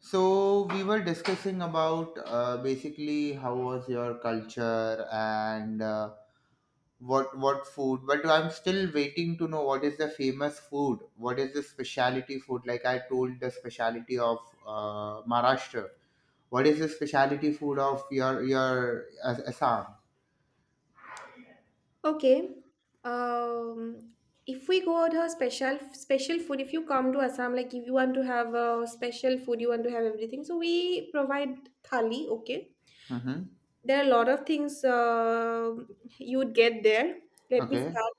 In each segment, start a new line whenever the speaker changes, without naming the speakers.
So we were discussing about basically how was your culture and what food, but I'm still waiting to know what is the famous food, what is the specialty food. Like I told, the specialty of Maharashtra. What is the specialty food of your Assam?
Okay. Um, if we go out her special food, if you come to Assam, like if you want to have a special food, you want to have everything. So we provide thali. Okay.
Mm-hmm.
There are a lot of things you would get there. Let me
Okay.
start.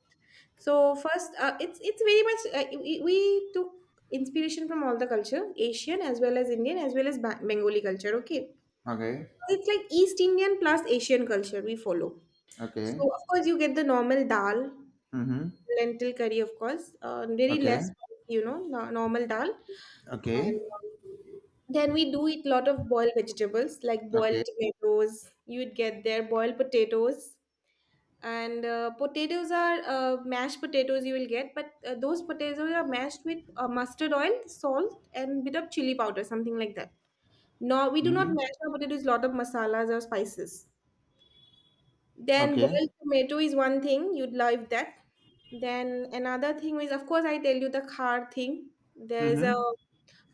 So first, it's very much we took inspiration from all the culture, Asian as well as Indian as well as Bengali culture. Okay.
Okay.
It's like East Indian plus Asian culture we follow. So
Okay.
of course you get the normal dal,
Mm-hmm.
lentil curry, of course, very less,
Okay.
you know, normal dal. And
Okay.
um, then we do eat lot of boiled vegetables like boiled
Okay.
tomatoes. You'd get there boiled potatoes. And potatoes are mashed potatoes you will get, but those potatoes are mashed with mustard oil, salt, and bit of chili powder, something like that. No, we do not
Mm-hmm.
mash our potatoes. Lot of masalas or spices. Then
Okay.
boiled tomato is one thing you'd love that. Then another thing is, of course, I tell you the khar thing. There is a
Mm-hmm.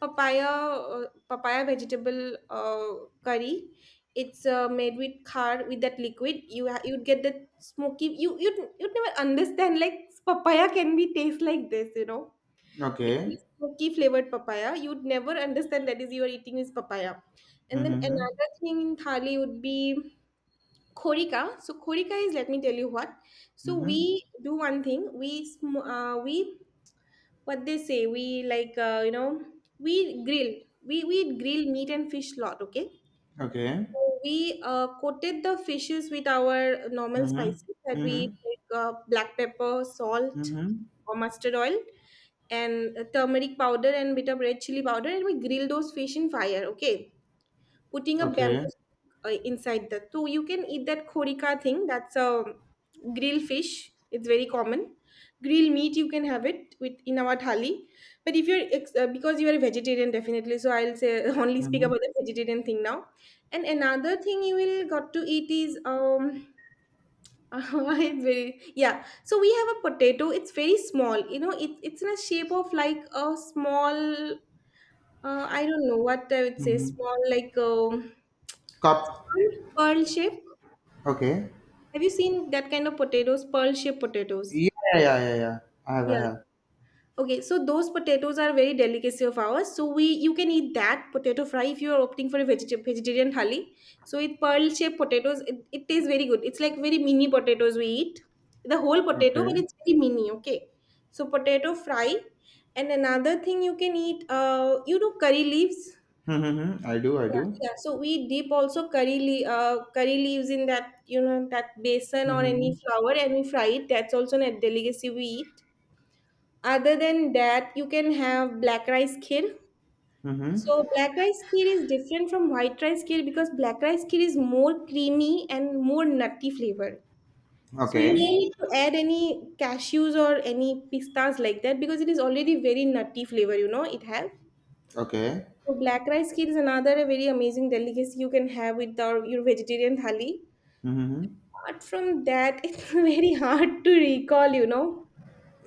papaya papaya vegetable curry. It's made with khar with that liquid. You'd get that smoky. You'd never understand like papaya can be taste like this. You know,
Okay.
it's smoky flavored papaya. You'd never understand that is you are eating is papaya. And then
Mm-hmm.
another thing in thali would be Korika. So Korika is let me tell you what. So
Mm-hmm.
we do one thing. We what they say. We like you know we grill. We grill meat and fish lot. Okay.
Okay.
So we coated the fishes with our normal
Mm-hmm.
spices that we
Mm-hmm.
like black pepper, salt,
Mm-hmm.
or mustard oil, and turmeric powder and bit of red chili powder, and we grill those fish in fire. Okay, putting a
Okay.
bamboo inside that. So you can eat that khorika thing. That's a grilled fish. It's very common. Grilled meat you can have it with in our thali. But if you're because you are a vegetarian definitely, so I'll say only speak
Mm-hmm.
about the vegetarian thing now. And another thing you will got to eat is I very yeah. So we have a potato. It's very small. You know, it's in a shape of like a small I don't know what I would say.
Mm-hmm.
Small, like
Cup.
pearl shape.
Okay.
Have you seen that kind of potatoes? Pearl shaped potatoes.
Yeah, yeah, yeah, yeah. I have, I
Yeah.
have.
Okay. So those potatoes are very delicacy of ours. So we you can eat that potato fry if you are opting for a vegetarian thali. So with pearl shaped potatoes, it tastes very good. It's like very mini potatoes we eat. The whole potato, but
Okay.
it's very mini. Okay. So potato fry, and another thing you can eat. You know curry leaves.
Mm-hmm. Mm-hmm. I do, I
Yeah,
do.
yeah. So we dip also curry leaves in that you know that basin or any
Mm-hmm.
flour and we fry it. That's also a delicacy we eat. Other than that, you can have black rice kheer.
Mm-hmm.
So black rice kheer is different from white rice kheer because black rice kheer is more creamy and more nutty flavor. So you don't
Okay.
need to add any cashews or any pistas like that because it is already very nutty flavor. You know it has.
Okay.
So black rice kheer is another very amazing delicacy you can have with our, your vegetarian thali.
Mm-hmm.
Apart from that, it's very hard to recall, you know.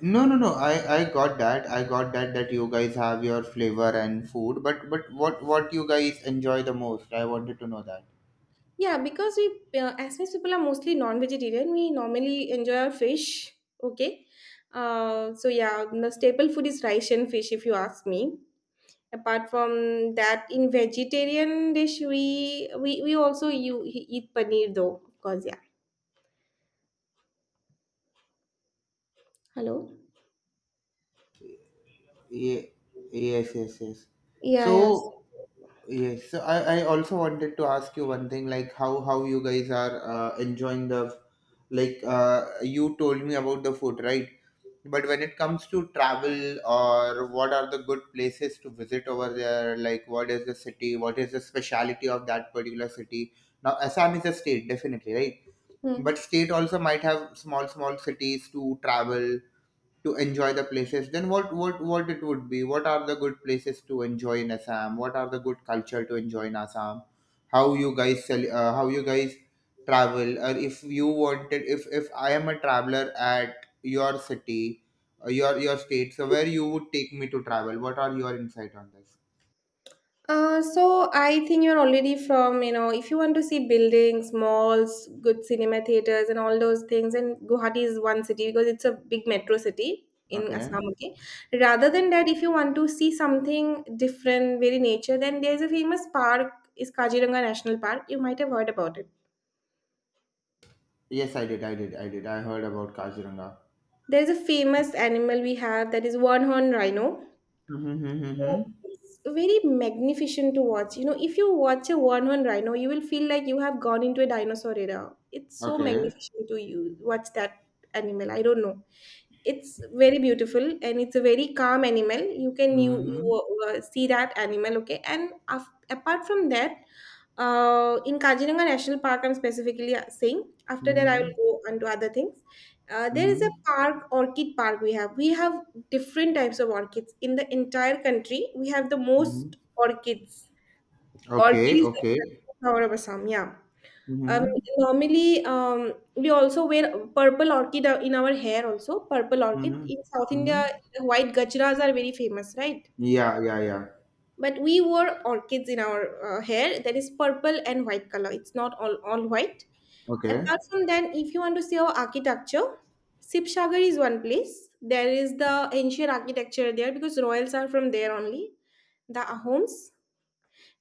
No, no, no. I got that. I got that that you guys have your flavor and food, but but what you guys enjoy the most? I wanted to know that.
Yeah, because we, Assamese people are mostly non-vegetarian. We normally enjoy our fish. Okay. So yeah, the staple food is rice and fish, if you ask me. Apart from that, in vegetarian dish, we also you eat paneer though, of course. Yeah. Hello.
Ye- yes, yes, yes.
Yeah.
So.
Yes.
Yes, so I also wanted to ask you one thing, like how you guys are enjoying the, like you told me about the food, right? But when it comes to travel or what are the good places to visit over there, like what is the city, what is the speciality of that particular city? Now, Assam is a state, definitely, right?
Hmm.
But state also might have small, small cities to travel to enjoy the places. Then what it would be? What are the good places to enjoy in Assam? What are the good culture to enjoy in Assam? How you guys sell uh, how you guys travel, or if you wanted, if I am a traveler at your city, your state, so where you would take me to travel? What are your insight on this?
So I think you're already from, you know, if you want to see buildings, malls, good cinema theaters, and all those things, and Guwahati is one city because it's a big metro city in
Okay.
Assam. Okay, rather than that, if you want to see something different, very nature, then there's a famous park is Kaziranga National Park. You might have heard about it.
Yes, I did. I heard about Kaziranga.
There's a famous animal we have that is one horn rhino.
Mm-hmm,
So
mm-hmm.
it's very magnificent to watch. You know, if you watch a one-horn rhino, you will feel like you have gone into a dinosaur era. It's so
Okay.
magnificent to you watch that animal. I don't know. It's very beautiful and it's a very calm animal. You can you
Mm-hmm,
you see that animal, okay? And apart from that, in Kaziranga National Park, I'm specifically saying. After that, I
mm-hmm,
will go on to other things. There is a
mm-hmm.
park, Orchid Park. We have different types of orchids in the entire country. We have the
Mm-hmm.
most orchids. Orchid
Okay,
is
okay.
the flower of Assam. Yeah. um,
Mm-hmm.
Normally, we also wear purple orchid in our hair. Also purple orchid.
Mm-hmm.
In South India,
Mm-hmm.
the white gajras are very famous, right?
Yeah, yeah, yeah.
But we wore orchids in our hair that is purple and white color. It's not all white.
Okay.
Apart from that, if you want to see our architecture, Sipsagar is one place. There is the ancient architecture there because royals are from there only. The Ahoms,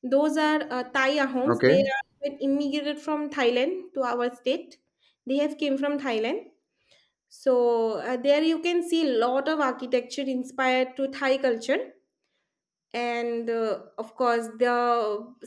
those are Thai Ahoms. They
Okay.
are immigrated from Thailand to our state. They have came from Thailand. So there you can see lot of architecture inspired to Thai culture. And of course the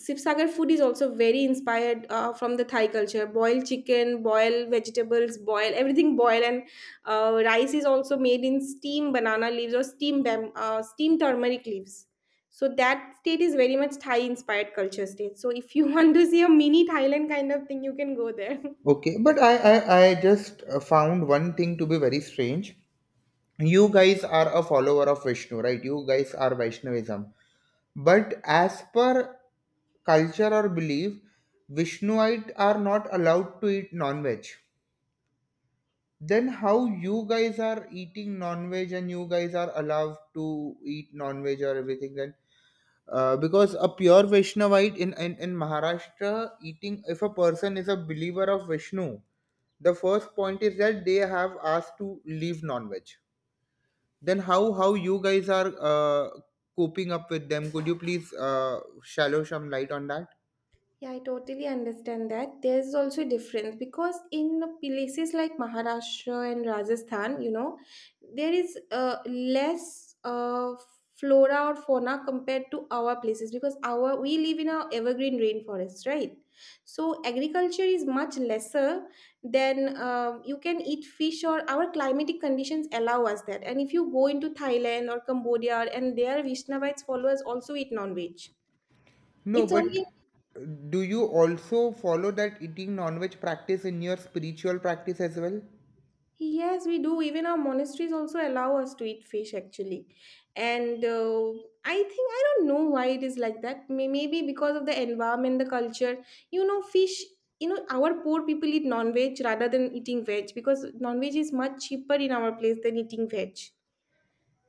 Sibsagar food is also very inspired from the Thai culture. Boiled chicken, boiled vegetables, boil everything, boil. And rice is also made in steam banana leaves or steam turmeric leaves. So that state is very much Thai inspired culture state. So if you want to see a mini Thailand kind of thing, you can go there.
Okay. But I just found one thing to be very strange. You guys are a follower of Vishnu, right? You guys are Vaishnavism. But as per culture or belief, Vishnuite are not allowed to eat non-veg. Then how you guys are eating non-veg, and you guys are allowed to eat non-veg or everything? Then because a pure Vaishnavite in Maharashtra eating, if a person is a believer of Vishnu, the first point is that they have asked to leave non-veg. Then how you guys are coping up with them? Could you please shallow some light on that?
Yeah, I totally understand that. There's also a difference because in places like Maharashtra and Rajasthan, you know, there is less flora or fauna compared to our places because our we live in a evergreen rainforest, right? So agriculture is much lesser than you can eat fish or our climatic conditions allow us that. And if you go into Thailand or Cambodia and their Vishnavites followers also eat non-veg.
No,
It's
but
only.
do you also follow that eating non-veg practice in your spiritual practice as well?
Yes, we do. Even our monasteries also allow us to eat fish, actually. And I think, I don't know why it is like that. Maybe because of the environment, the culture. You know, fish, you know, our poor people eat non veg rather than eating veg because non veg is much cheaper in our place than eating veg.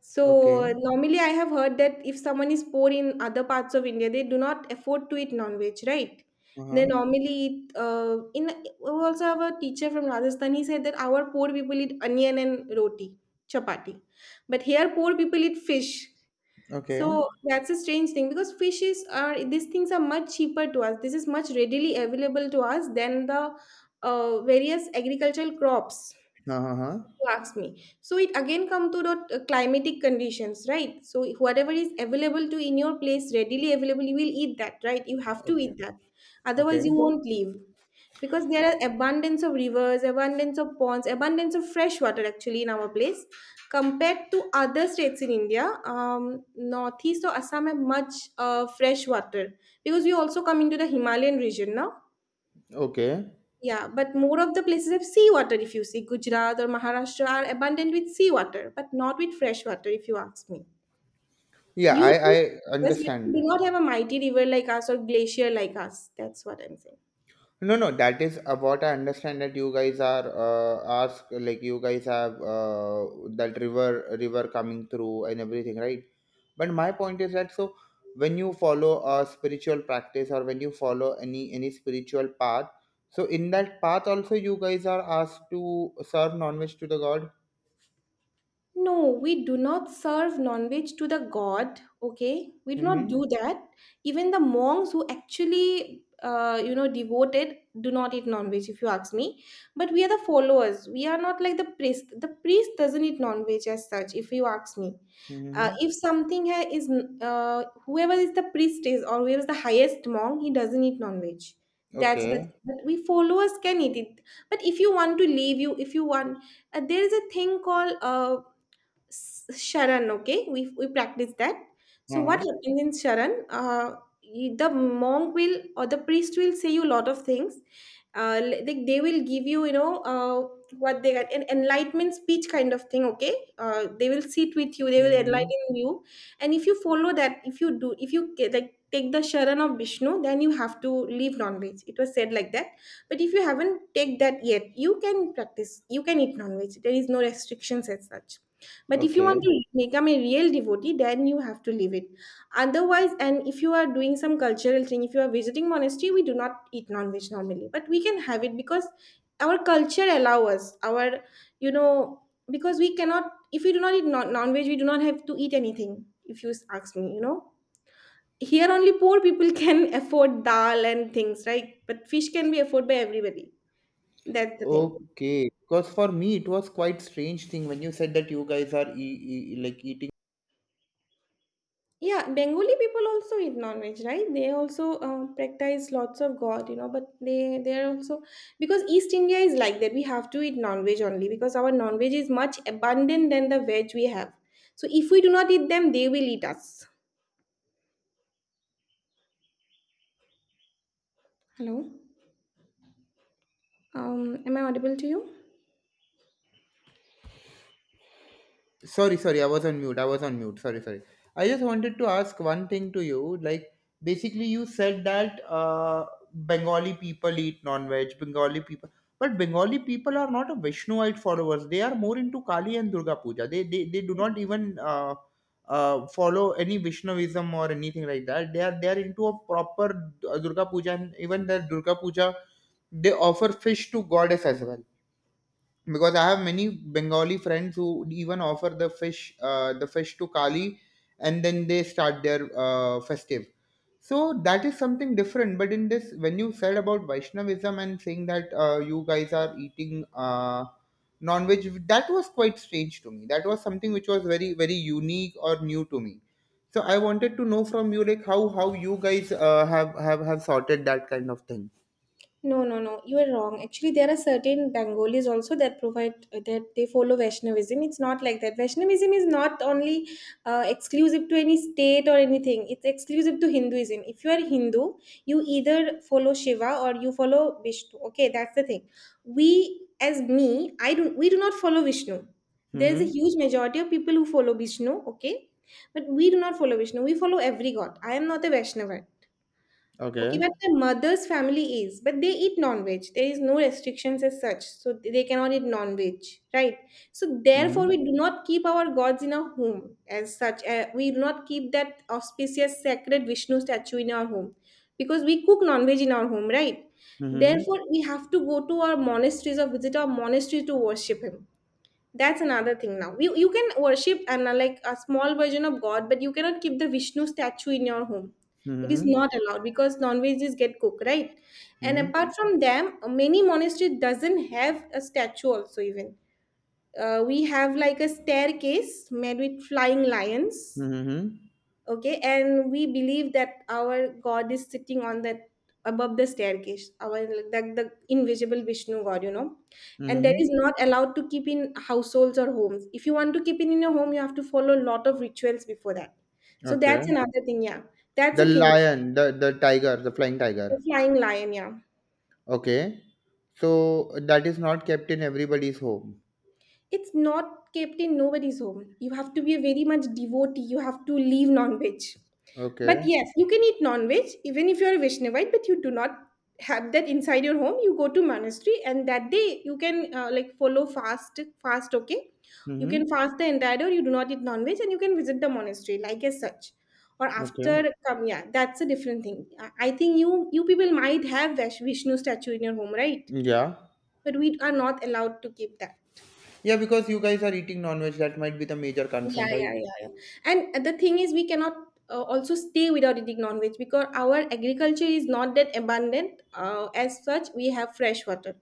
So
Okay.
normally I have heard that if someone is poor in other parts of India, they do not afford to eat non-veg, right?
Uh
They
huh.
normally eat, in we also have a teacher from Rajasthan. He said that our poor people eat onion and roti, chapati, but here poor people eat fish. So
Okay.
that's a strange thing because fishes are these things are much cheaper to us. This is much readily available to us than the various agricultural crops,
Uh huh.
you ask me. So it again come to the climatic conditions, right? So whatever is available to in your place, readily available, you will eat that, right? You have to
Okay.
eat that, otherwise you
Okay.
won't leave, because there are abundance of rivers, abundance of ponds, abundance of fresh water actually in our place compared to other states in India. Northeast or Assam have much fresh water because we also come into the Himalayan region now.
Okay.
Yeah, but more of the places have seawater if you see. Gujarat or Maharashtra are abundant with seawater, but not with fresh water if you ask me.
Yeah,
You
I
do,
I
because we
understand.
do not have a mighty river like us or glacier like us. That's what I'm saying.
No, no, that is what I understand, that you guys are ask, like you guys have that river coming through and everything, right? But my point is that, so when you follow a spiritual practice, or when you follow any spiritual path, so in that path also you guys are asked to serve non-veg to the god.
No, we do not serve non-veg to the god, okay? We do not do
Mm-hmm.
that. Even the monks who actually, you know, devoted do not eat non-veg, if you ask me. But we are the followers. We are not like the priest. The priest doesn't eat non-veg as such, if you ask me.
Mm-hmm.
If something is, whoever is the priest is or whoever is the highest monk, he doesn't eat non-veg. That's the.
Okay.
But we followers can eat it. But if you want to leave, you if you want, there is a thing called Sharan, okay? We practice that. So what
Uh-huh.
happens in Sharan? The monk will or the priest will say you a lot of things. Like they will give you, you know, what they got an enlightenment speech kind of thing. Okay, they will sit with you. They will
Mm-hmm.
enlighten you, and if you follow that, if you do, if you ca- like take the Sharan of Vishnu, then you have to leave non-veg. It was said like that. But if you haven't take that yet, you can practice. You can eat non-veg. There is no restrictions as such. But if you want
Okay.
to become a real devotee, then you have to leave it. Otherwise, and if you are doing some cultural thing, if you are visiting monastery, we do not eat non-veg normally, but we can have it because our culture allow us. You know, because we cannot. If we do not eat non-veg, we do not have to eat anything. If you ask me, you know, here only poor people can afford dal and things, right? But fish can be afforded by everybody. That's the thing.
Okay, because for me it was quite strange thing when you said that you guys are like eating.
Yeah, Bengali people also eat non-veg, right? They also practice lots of God, you know. But they are also because East India is like that. We have to eat non-veg only because our non-veg is much abundant than the veg we have. So if we do not eat them, they will eat us. Hello, am I audible to you?
Sorry, sorry, I was on mute. I was on mute. Sorry, sorry. I just wanted to ask one thing to you. Like, basically, you said that Bengali people eat non-veg. But Bengali people are not a Vishnuite followers. They are more into Kali and Durga Puja. They do not even follow any Vishnuism or anything like that. They are into a proper Durga Puja, and even their Durga Puja, they offer fish to goddess as well, because I have many Bengali friends who even offer the fish to Kali, and then they start their festive. So that is something different. But in this, when you said about Vaishnavism and saying that you guys are eating non-veg, that was quite strange to me. That was something which was very, very unique or new to me. So I wanted to know from you, like how you guys have sorted that kind of thing.
No, no, no. You are wrong. Actually, there are certain Bengalis also that provide that they follow Vaishnavism. It's not like that. Vaishnavism is not only exclusive to any state or anything. It's exclusive to Hinduism. If you are Hindu, you either follow Shiva or you follow Vishnu. Okay, that's the thing. We, as me, I do. We do not follow Vishnu. There is a
Mm-hmm.
huge majority of people who follow Vishnu. Okay, but we do not follow Vishnu. We follow every god. I am not a Vaishnava. Okay,
Okay.
but my mother's family is, but they eat non-veg. There is no restrictions as such, so they cannot eat non-veg, right? So therefore, we
Mm-hmm.
do not keep our gods in our home as such. We do not keep that auspicious sacred Vishnu statue in our home because we cook non-veg in our home, right?
Mm-hmm.
Therefore, we have to go to our monasteries or visit our monastery to worship him. That's another thing. Now, you can worship and like a small version of god, but you cannot keep the Vishnu statue in your home. It is
Mm-hmm.
not allowed because non-veggies get cooked, right? And
Mhm.
apart from them, many monastery doesn't have a statue also. Even we have like a staircase made with flying lions,
Mhm.
okay? And we believe that our god is sitting on that, above the staircase. Our, like the invisible Vishnu god, you know. And that
Mhm.
is not allowed to keep in households or homes. If you want to keep it in your home, you have to follow a lot of rituals before that. So that's
Okay.
another thing, yeah. That's
The
a thing.
lion, the tiger, the flying
The
tiger.
flying lion, yeah.
Okay. So that is not kept in everybody's home.
It's not kept in nobody's home. You have to be a very much devotee. You have to leave non-veg. But
Okay.
yes, you can eat non-veg even if you're a Vaishnavite, but you do not have that inside your home. You go to monastery, and that day you can like follow fast, fast. Okay, you
Mhm.
can fast the entire day, or you do not eat non-veg, and you can visit the monastery like as such. Or after
Okay.
come, yeah, that's a different thing. I think you you people might have Vishnu statue in your home, right?
Yeah.
But we are not allowed to keep that.
Yeah, because you guys are eating non-veg, that might be the major
Yeah,
concern,
yeah,
right?
yeah, yeah. And the thing is, we cannot also stay without eating non-veg because our agriculture is not that abundant. As such, we have fresh water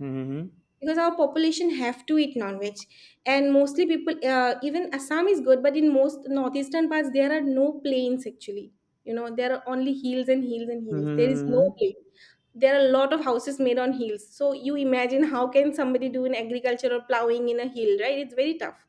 Mm-hmm.
because our population have to eat non-veg, and mostly people, even Assam is good, but in most northeastern parts there are no plains actually. You know, there are only hills and hills and hills. There is no
Mm-hmm.
plain. There are a lot of houses made on hills. So you imagine how can somebody do an agriculture or plowing in a hill, right? It's very tough.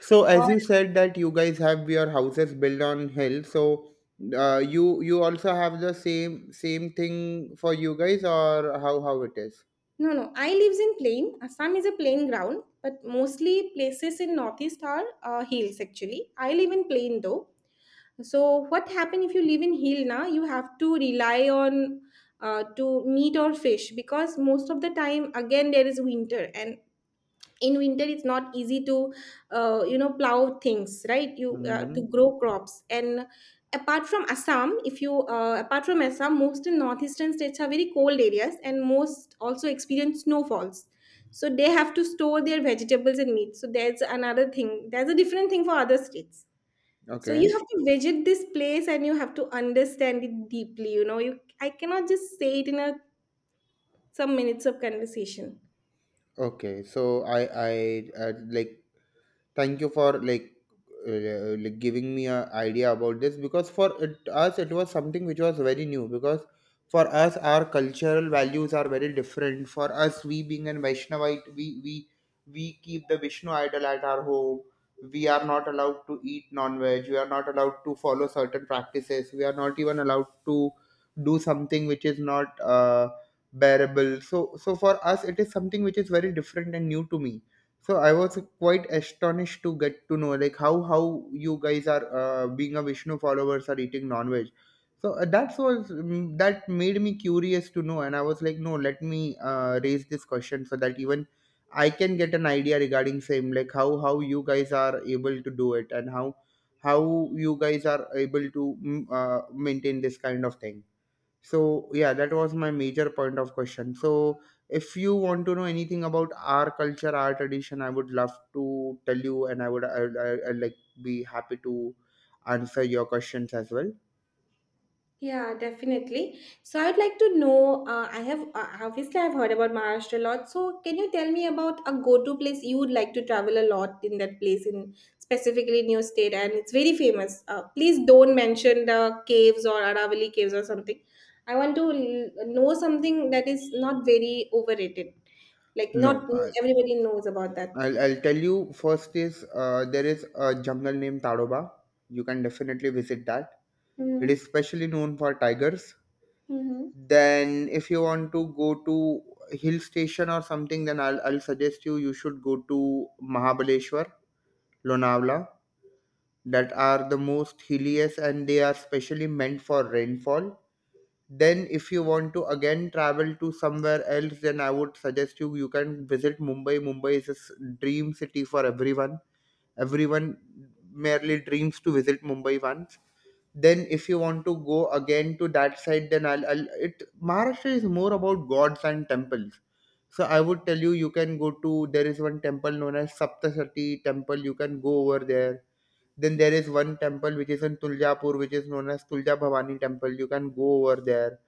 So
Or
as you said that you guys have your houses built on hill, so you also have the same thing for you guys, or how it is?
no, no. I lives in plain. Assam is a plain ground, but mostly places in northeast are hills. Actually, I live in plain though. So what happen if you live in hill? Now you have to rely on to meat or fish because most of the time again there is winter, and in winter it's not easy to you know plow things, right? You
Mm-hmm.
to grow crops. And apart from Assam, if you apart from assam most in northeastern states are very cold areas, and most also experience snowfalls. So they have to store their vegetables and meat. So there's another thing, there's a different thing for other states. So you
Okay.
have to visit this place and you have to understand it deeply, you know. You i cannot just say it in a some minutes of conversation.
Okay, so I like thank you for, like, like giving me an idea about this, because for us it was something which was very new, because for us our cultural values are very different. For us, we being an Vaishnavite, we keep the Vishnu idol at our home. We are not allowed to eat non-veg. We are not allowed to follow certain practices. We are not even allowed to do something which is not bearable. So for us it is something which is very different and new to me. So I was quite astonished to get to know, like how you guys are being a Vishnu followers are eating non-veg. So that made me curious to know, and I was like, no, let me raise this question, so that even I can get an idea regarding same, like how you guys are able to do it, and how you guys are able to maintain this kind of thing. So yeah, that was my major point of question. So if you want to know anything about our culture, our tradition, I would love to tell you, and I would I like be happy to answer your questions as well.
Yeah, definitely. So I'd like to know. I have obviously I've heard about Maharashtra a lot. So can you tell me about a go-to place you would like to travel a lot in that place, in specifically in your state, and it's very famous. Please don't mention the caves or Aravalli caves or something. I want to l- know something that is not very overrated, like not
No, I,
everybody knows about that.
I'll I'll tell you. First is there is a jungle named Tadoba. You can definitely visit that. It is specially known for tigers. Then if you want to go to hill station or something, then I'll suggest you should go to Mahabaleshwar, Lonavala, that are the most hilliest, and they are specially meant for rainfall. Then, if you want to again travel to somewhere else, then I would suggest you can visit Mumbai. Mumbai is a dream city for everyone. Everyone merely dreams to visit Mumbai once. Then if you want to go again to that side, then I'll it Maharashtra is more about gods and temples. So I would tell you can go to there is one temple known as Saptasati Temple. You can go over there. Then there is one temple which is in Tuljapur, which is known as Tulja Bhavani Temple. You can go over there.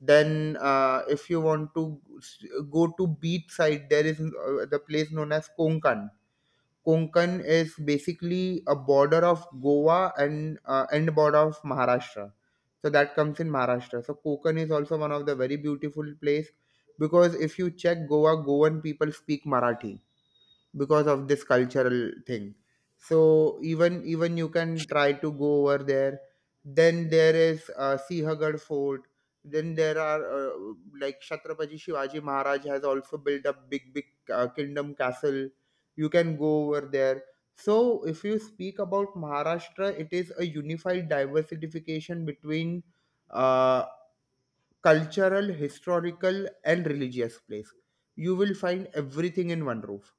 Then, if you want to go to beach side, there is the place known as Konkan. Konkan is basically a border of Goa, and border of Maharashtra. So that comes in Maharashtra. So Konkan is also one of the very beautiful place, because if you check Goa, Goan people speak Marathi because of this cultural thing. So even you can try to go over there. Then there is Sihagar Fort. Then there are like Chhatrapati Shivaji Maharaj has also built a big kingdom castle. You can go over there. So if you speak about Maharashtra, it is a unified diversification between uh, cultural, historical, and religious place. You will find everything in one roof.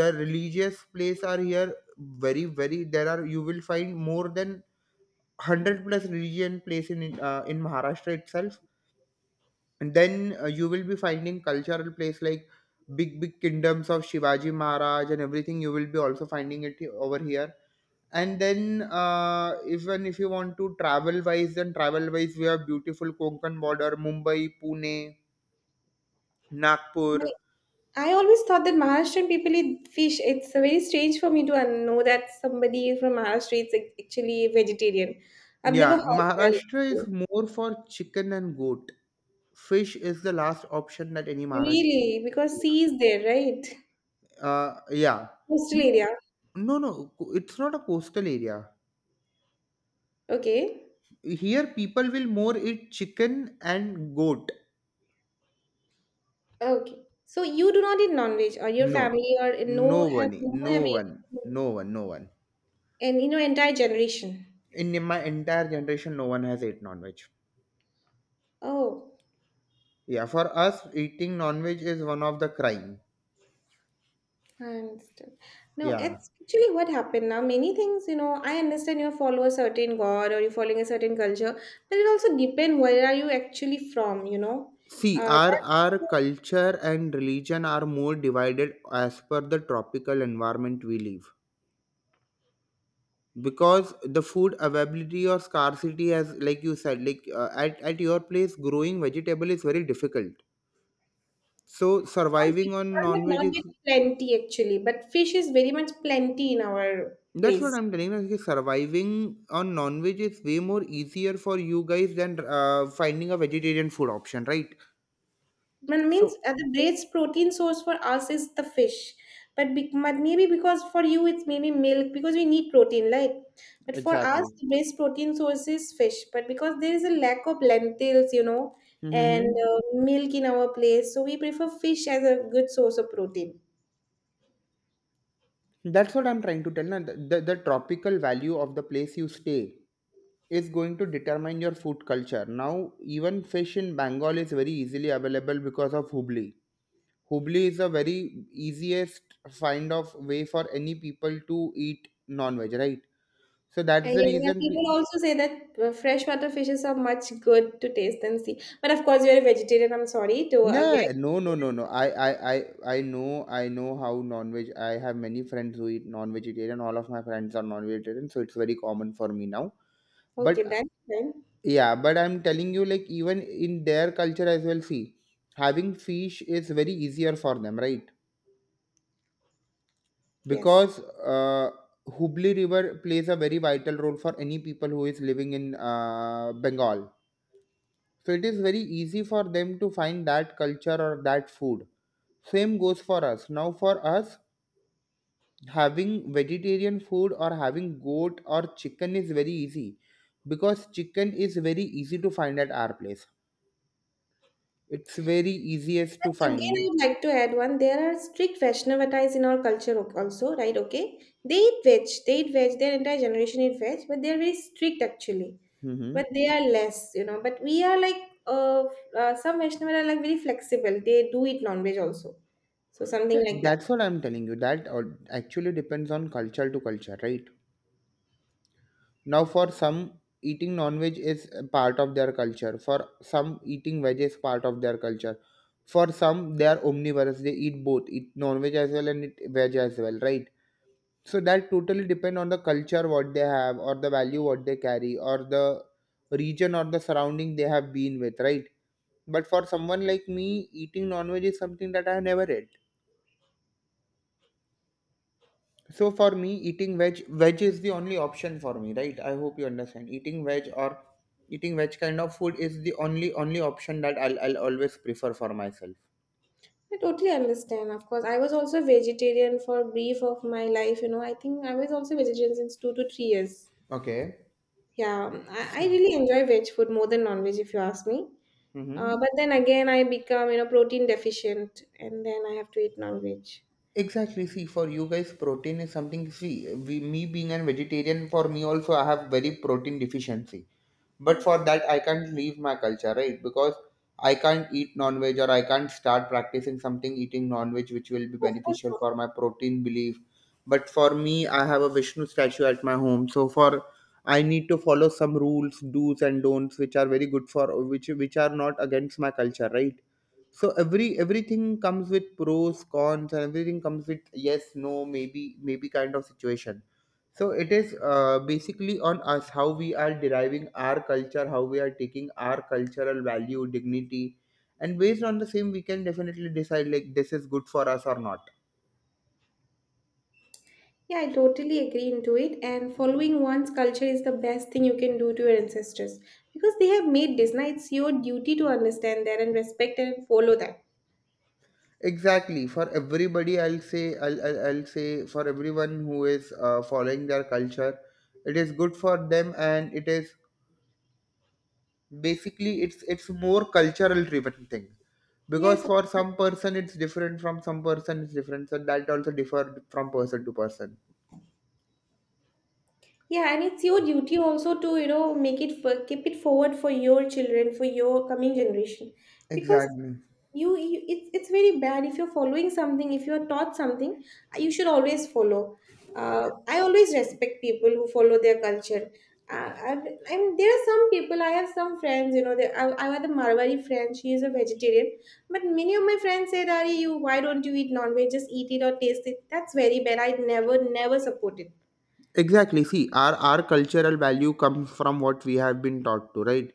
The religious place are here, very, very. There are You will find more than 100 plus religion place in Maharashtra itself. And then you will be finding cultural place like big kingdoms of Shivaji Maharaj, and everything you will be also finding it over here. And then even if you want to travel wise we have beautiful Konkan border, Mumbai, Pune, Nagpur.
I always thought that Maharashtrian people eat fish. It's very strange for me to know that somebody from Maharashtra is actually vegetarian. I've never
Yeah,
heard that.
Maharashtra is more for chicken and goat. Fish is the last option that any Maharashtrian.
Really? Because sea is there, right?
Yeah.
Coastal
No,
area.
no, no. It's not a coastal area.
Okay.
Here, people will more eat chicken and goat.
Okay. So you do not eat non-veg, or your
No,
family, or no
no
have
one,
no have
no
eaten,
one, no one, no one.
and you know entire generation.
In my entire generation, no one has ate non-veg.
Oh.
Yeah, for us, eating non-veg is one of the crime.
I understand. No,
Yeah.
it's actually what happened now. Many things, you know, I understand you follow a certain god or you're following a certain culture, but it also depends where are you actually from, you know.
See, our
That's
our culture and religion are more divided as per the tropical environment we live. Because the food availability or scarcity has, like you said, like at your place growing vegetable is very difficult, so
not
surviving on
difficult,
non-veg
not
is.
very plenty actually. But fish is very much plenty in our
That's what
place.
I'm telling you, like, surviving on non-veg is way more easier for you guys than finding a vegetarian food option, right?
But means
So.
the greatest protein source for us is the fish. But maybe because for you it's maybe milk because we need protein, right? But for us,
Exactly.
the best protein source is fish. But because there is a lack of lentils, you know, and
Mm-hmm.
milk in our place, so we prefer fish as a good source of protein.
That's what I'm trying to tell na, the tropical value of the place you stay is going to determine your food culture. Now, even fish in Bengal is very easily available because of Hubli. Hubli is a very easiest find of way for any people to eat non-veg, right? So that's
And
the
yes, and
reason.
people also say that freshwater fishes are much good to taste than sea. But of course, you're a vegetarian. I'm sorry to again.
Nah, no, no, no, no. I know, I know how non-veg. I have many friends who eat non-vegetarian. All of my friends are non-vegetarian, so it's very common for me now. But
Okay, then
yeah, but I'm telling you, like, even in their culture as well, see, having fish is very easier for them, right?
yes.
Because uh, Hubli River plays a very vital role for any people who is living in Bengal. So it is very easy for them to find that culture or that food. Same goes for us. Now, for us, having vegetarian food or having goat or chicken is very easy because chicken is very easy to find at our place, it's very easiest to
Again, I
find.
would like to add one. There are strict Vaishnavatas in our culture also, right? Okay. They eat veg. They eat veg. Their entire generation eat veg, but they are very strict actually.
Mhm.
But they are less, you know. But we are like, uh, some Vaishnavas are like very flexible. They do eat non-veg also. So
Yeah,
something like that.
that's what I'm telling you. Actually depends on culture to culture, right? Now, for some, eating non-veg is a part of their culture. For some, eating veg is part of their culture. For some, they are omnivorous. They eat both, eat non-veg as well and eat veg as well, right? So that totally depend on the culture what they have, or the value what they carry, or the region or the surrounding they have been with, right? But for someone like me, eating non-veg is something that I have never had. So for me, eating veg is the only option for me, right? I hope you understand. Eating veg or eating veg kind of food is the only option that I'll always prefer for myself.
I totally understand. Of course, I was also vegetarian for a brief of my life. You know, I think I was also vegetarian since 2 to 3 years.
Okay.
Yeah, I
So,
really enjoy veg food more than non-veg if you ask me.
mm-hmm.
But then again, I become you know protein deficient, and then I have to eat non-veg.
Exactly. See, for you guys, protein is something. See, me being a vegetarian, for me also, I have very protein deficiency. But
Hmm.
for that, I can't leave my culture, right? Because I can't eat non-veg or I can't start practicing something eating non-veg, which will be
Of course
beneficial
not.
for my protein belief. But for me, I have a Vishnu statue at my home, so for I need to follow some rules, do's and don'ts, which are very good for which are not against my culture, right? So everything comes with pros, cons, and everything comes with yes, no, maybe, maybe kind of situation. So it is basically on us how we are deriving our culture, how we are taking our cultural value, dignity, and based on the same we can definitely decide like this is good for us or not.
Yeah, I totally agree into it. And following one's culture is the best thing you can do to your ancestors because they have made this. Now it's your duty to understand that and respect and follow that.
Exactly, for everybody I'll say I'll say for everyone who is following their culture, it is good for them and it is basically it's more cultural driven thing, because
Yes.
for some person it's different, from some person it's different, so that also differ from person to person.
Yeah, and it's your duty also to you know make it for, keep it forward for your children, for your coming generation, because
Exactly.
you it's very bad if you're following something. If you're taught something, you should always follow. I always respect people who follow their culture. uh, I, I mean there are some people. I have some friends, you know. I have a marwari friend. She is a vegetarian, but many of my friends said Ari, you why don't you eat non-veg, just eat it or taste it. That's very bad. I never never support it.
Exactly, see our cultural value comes from what we have been taught to, right?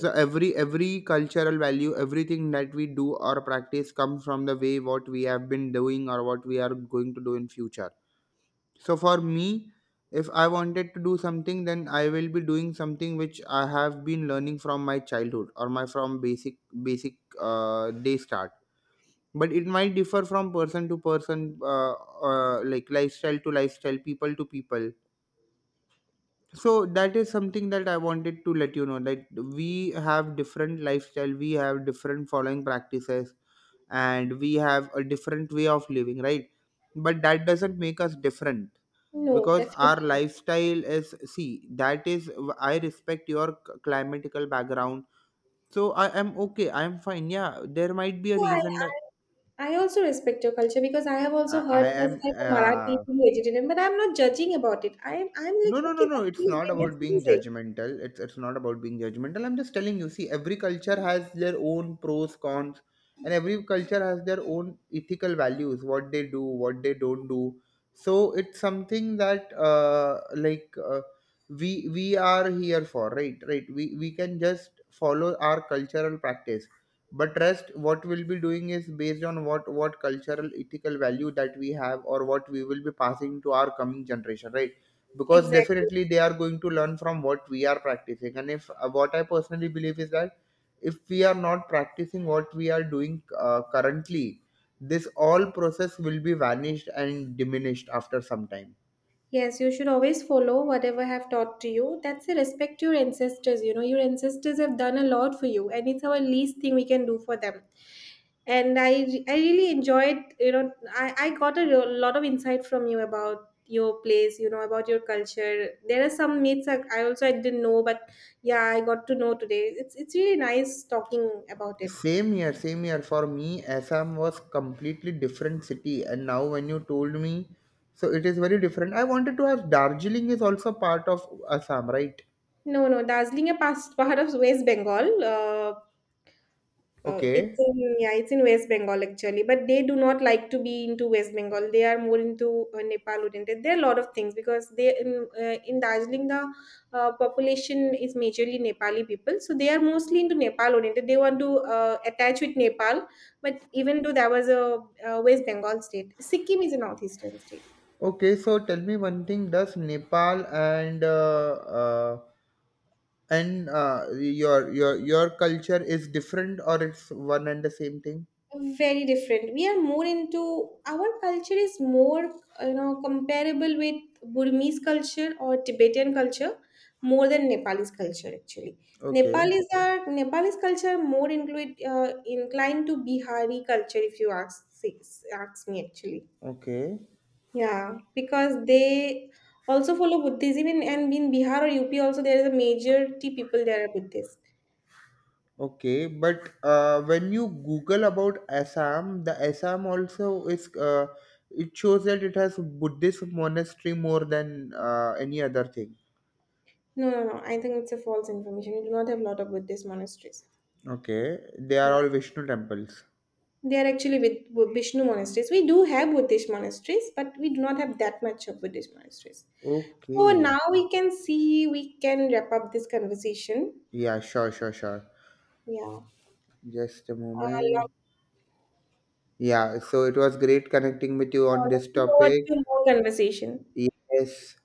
So every cultural value, everything that we do or practice comes from the way what we have been doing or what we are going to do in future. So for me, if I wanted to do something, then I will be doing something which I have been learning from my childhood or my from basic, basic day start. But it might differ from person to person, like lifestyle to lifestyle, people to people. So that is something that I wanted to let you know, that we have different lifestyle, we have different following practices, and we have a different way of living, right? But that doesn't make us different,
No,
because our
definitely.
lifestyle is, see that is, I respect your climatical background, so I am okay, I am fine, yeah, there might be a
Yeah,
reason that
I also respect your culture because I have also heard
I am
first time a Marathi being vegetarian, but I'm not judging about it. I'm
no,
like,
no, no,
okay,
no.
that's
It's
really
not
weird, that's
about being
amazing.
judgmental. It's not about being judgmental. I'm just telling you. See, every culture has their own pros, cons, and every culture has their own ethical values. What they do, what they don't do. So it's something that like we we are here for, right? Right. We can just follow our cultural practice, but rest what we'll be doing is based on what cultural ethical value that we have or what we will be passing to our coming generation, right? Because
Exactly.
definitely they are going to learn from what we are practicing, and if what I personally believe is that if we are not practicing what we are doing currently, this all process will be vanished and diminished after some time.
Yes, you should always follow whatever have taught to you. That's a respect to your ancestors. You know, your ancestors have done a lot for you, and it's our least thing we can do for them. And I really enjoyed. You know, I got a lot of insight from you about your place. You know, about your culture. There are some myths I also I didn't know, but yeah, I got to know today. It's really nice talking about it.
Same year for me, Assam was completely different city, and now when you told me, so it is very different. I wanted to ask, Darjeeling is also part of Assam, right?
No, no, Darjeeling is past part of West Bengal. It's
Okay.
in yeah, it's in West Bengal actually, but they do not like to be into West Bengal. They are more into Nepal oriented. There are a lot of things because they in Darjeeling the population is majorly Nepali people, so they are mostly into Nepal oriented. They want to attach with Nepal, but even though that was a, West Bengal state, Sikkim is a northeastern state.
Okay, so tell me one thing, does Nepal and your your culture is different, or it's one and the same thing?
Very different. We are more into, our culture is more, you know, comparable with Burmese culture or Tibetan culture, more than Nepalese culture actually.
Okay.
Nepalese are, Nepalese culture more include inclined to Bihari culture if you ask me actually.
Okay.
Yeah, because they also follow Buddhism, in, and in Bihar or UP also there is a majority people there are Buddhist.
Okay, but when you google about Assam, the Assam also is, it shows that it has Buddhist monastery more than any other thing.
No, no, no, I think it's a false information. We do not have a lot of Buddhist monasteries.
Okay, they are
Yeah.
all Vishnu temples.
They are actually with Vishnu monasteries. We do have Buddhist monasteries, but we do not have that much of Buddhist monasteries. So
Okay.
now we can see we can wrap up this conversation.
Yeah, sure, sure, sure.
Yeah.
Just a
Uh,
moment. Yeah, so it was great connecting with you on this
looking forward
topic.
to more conversation.
Yes.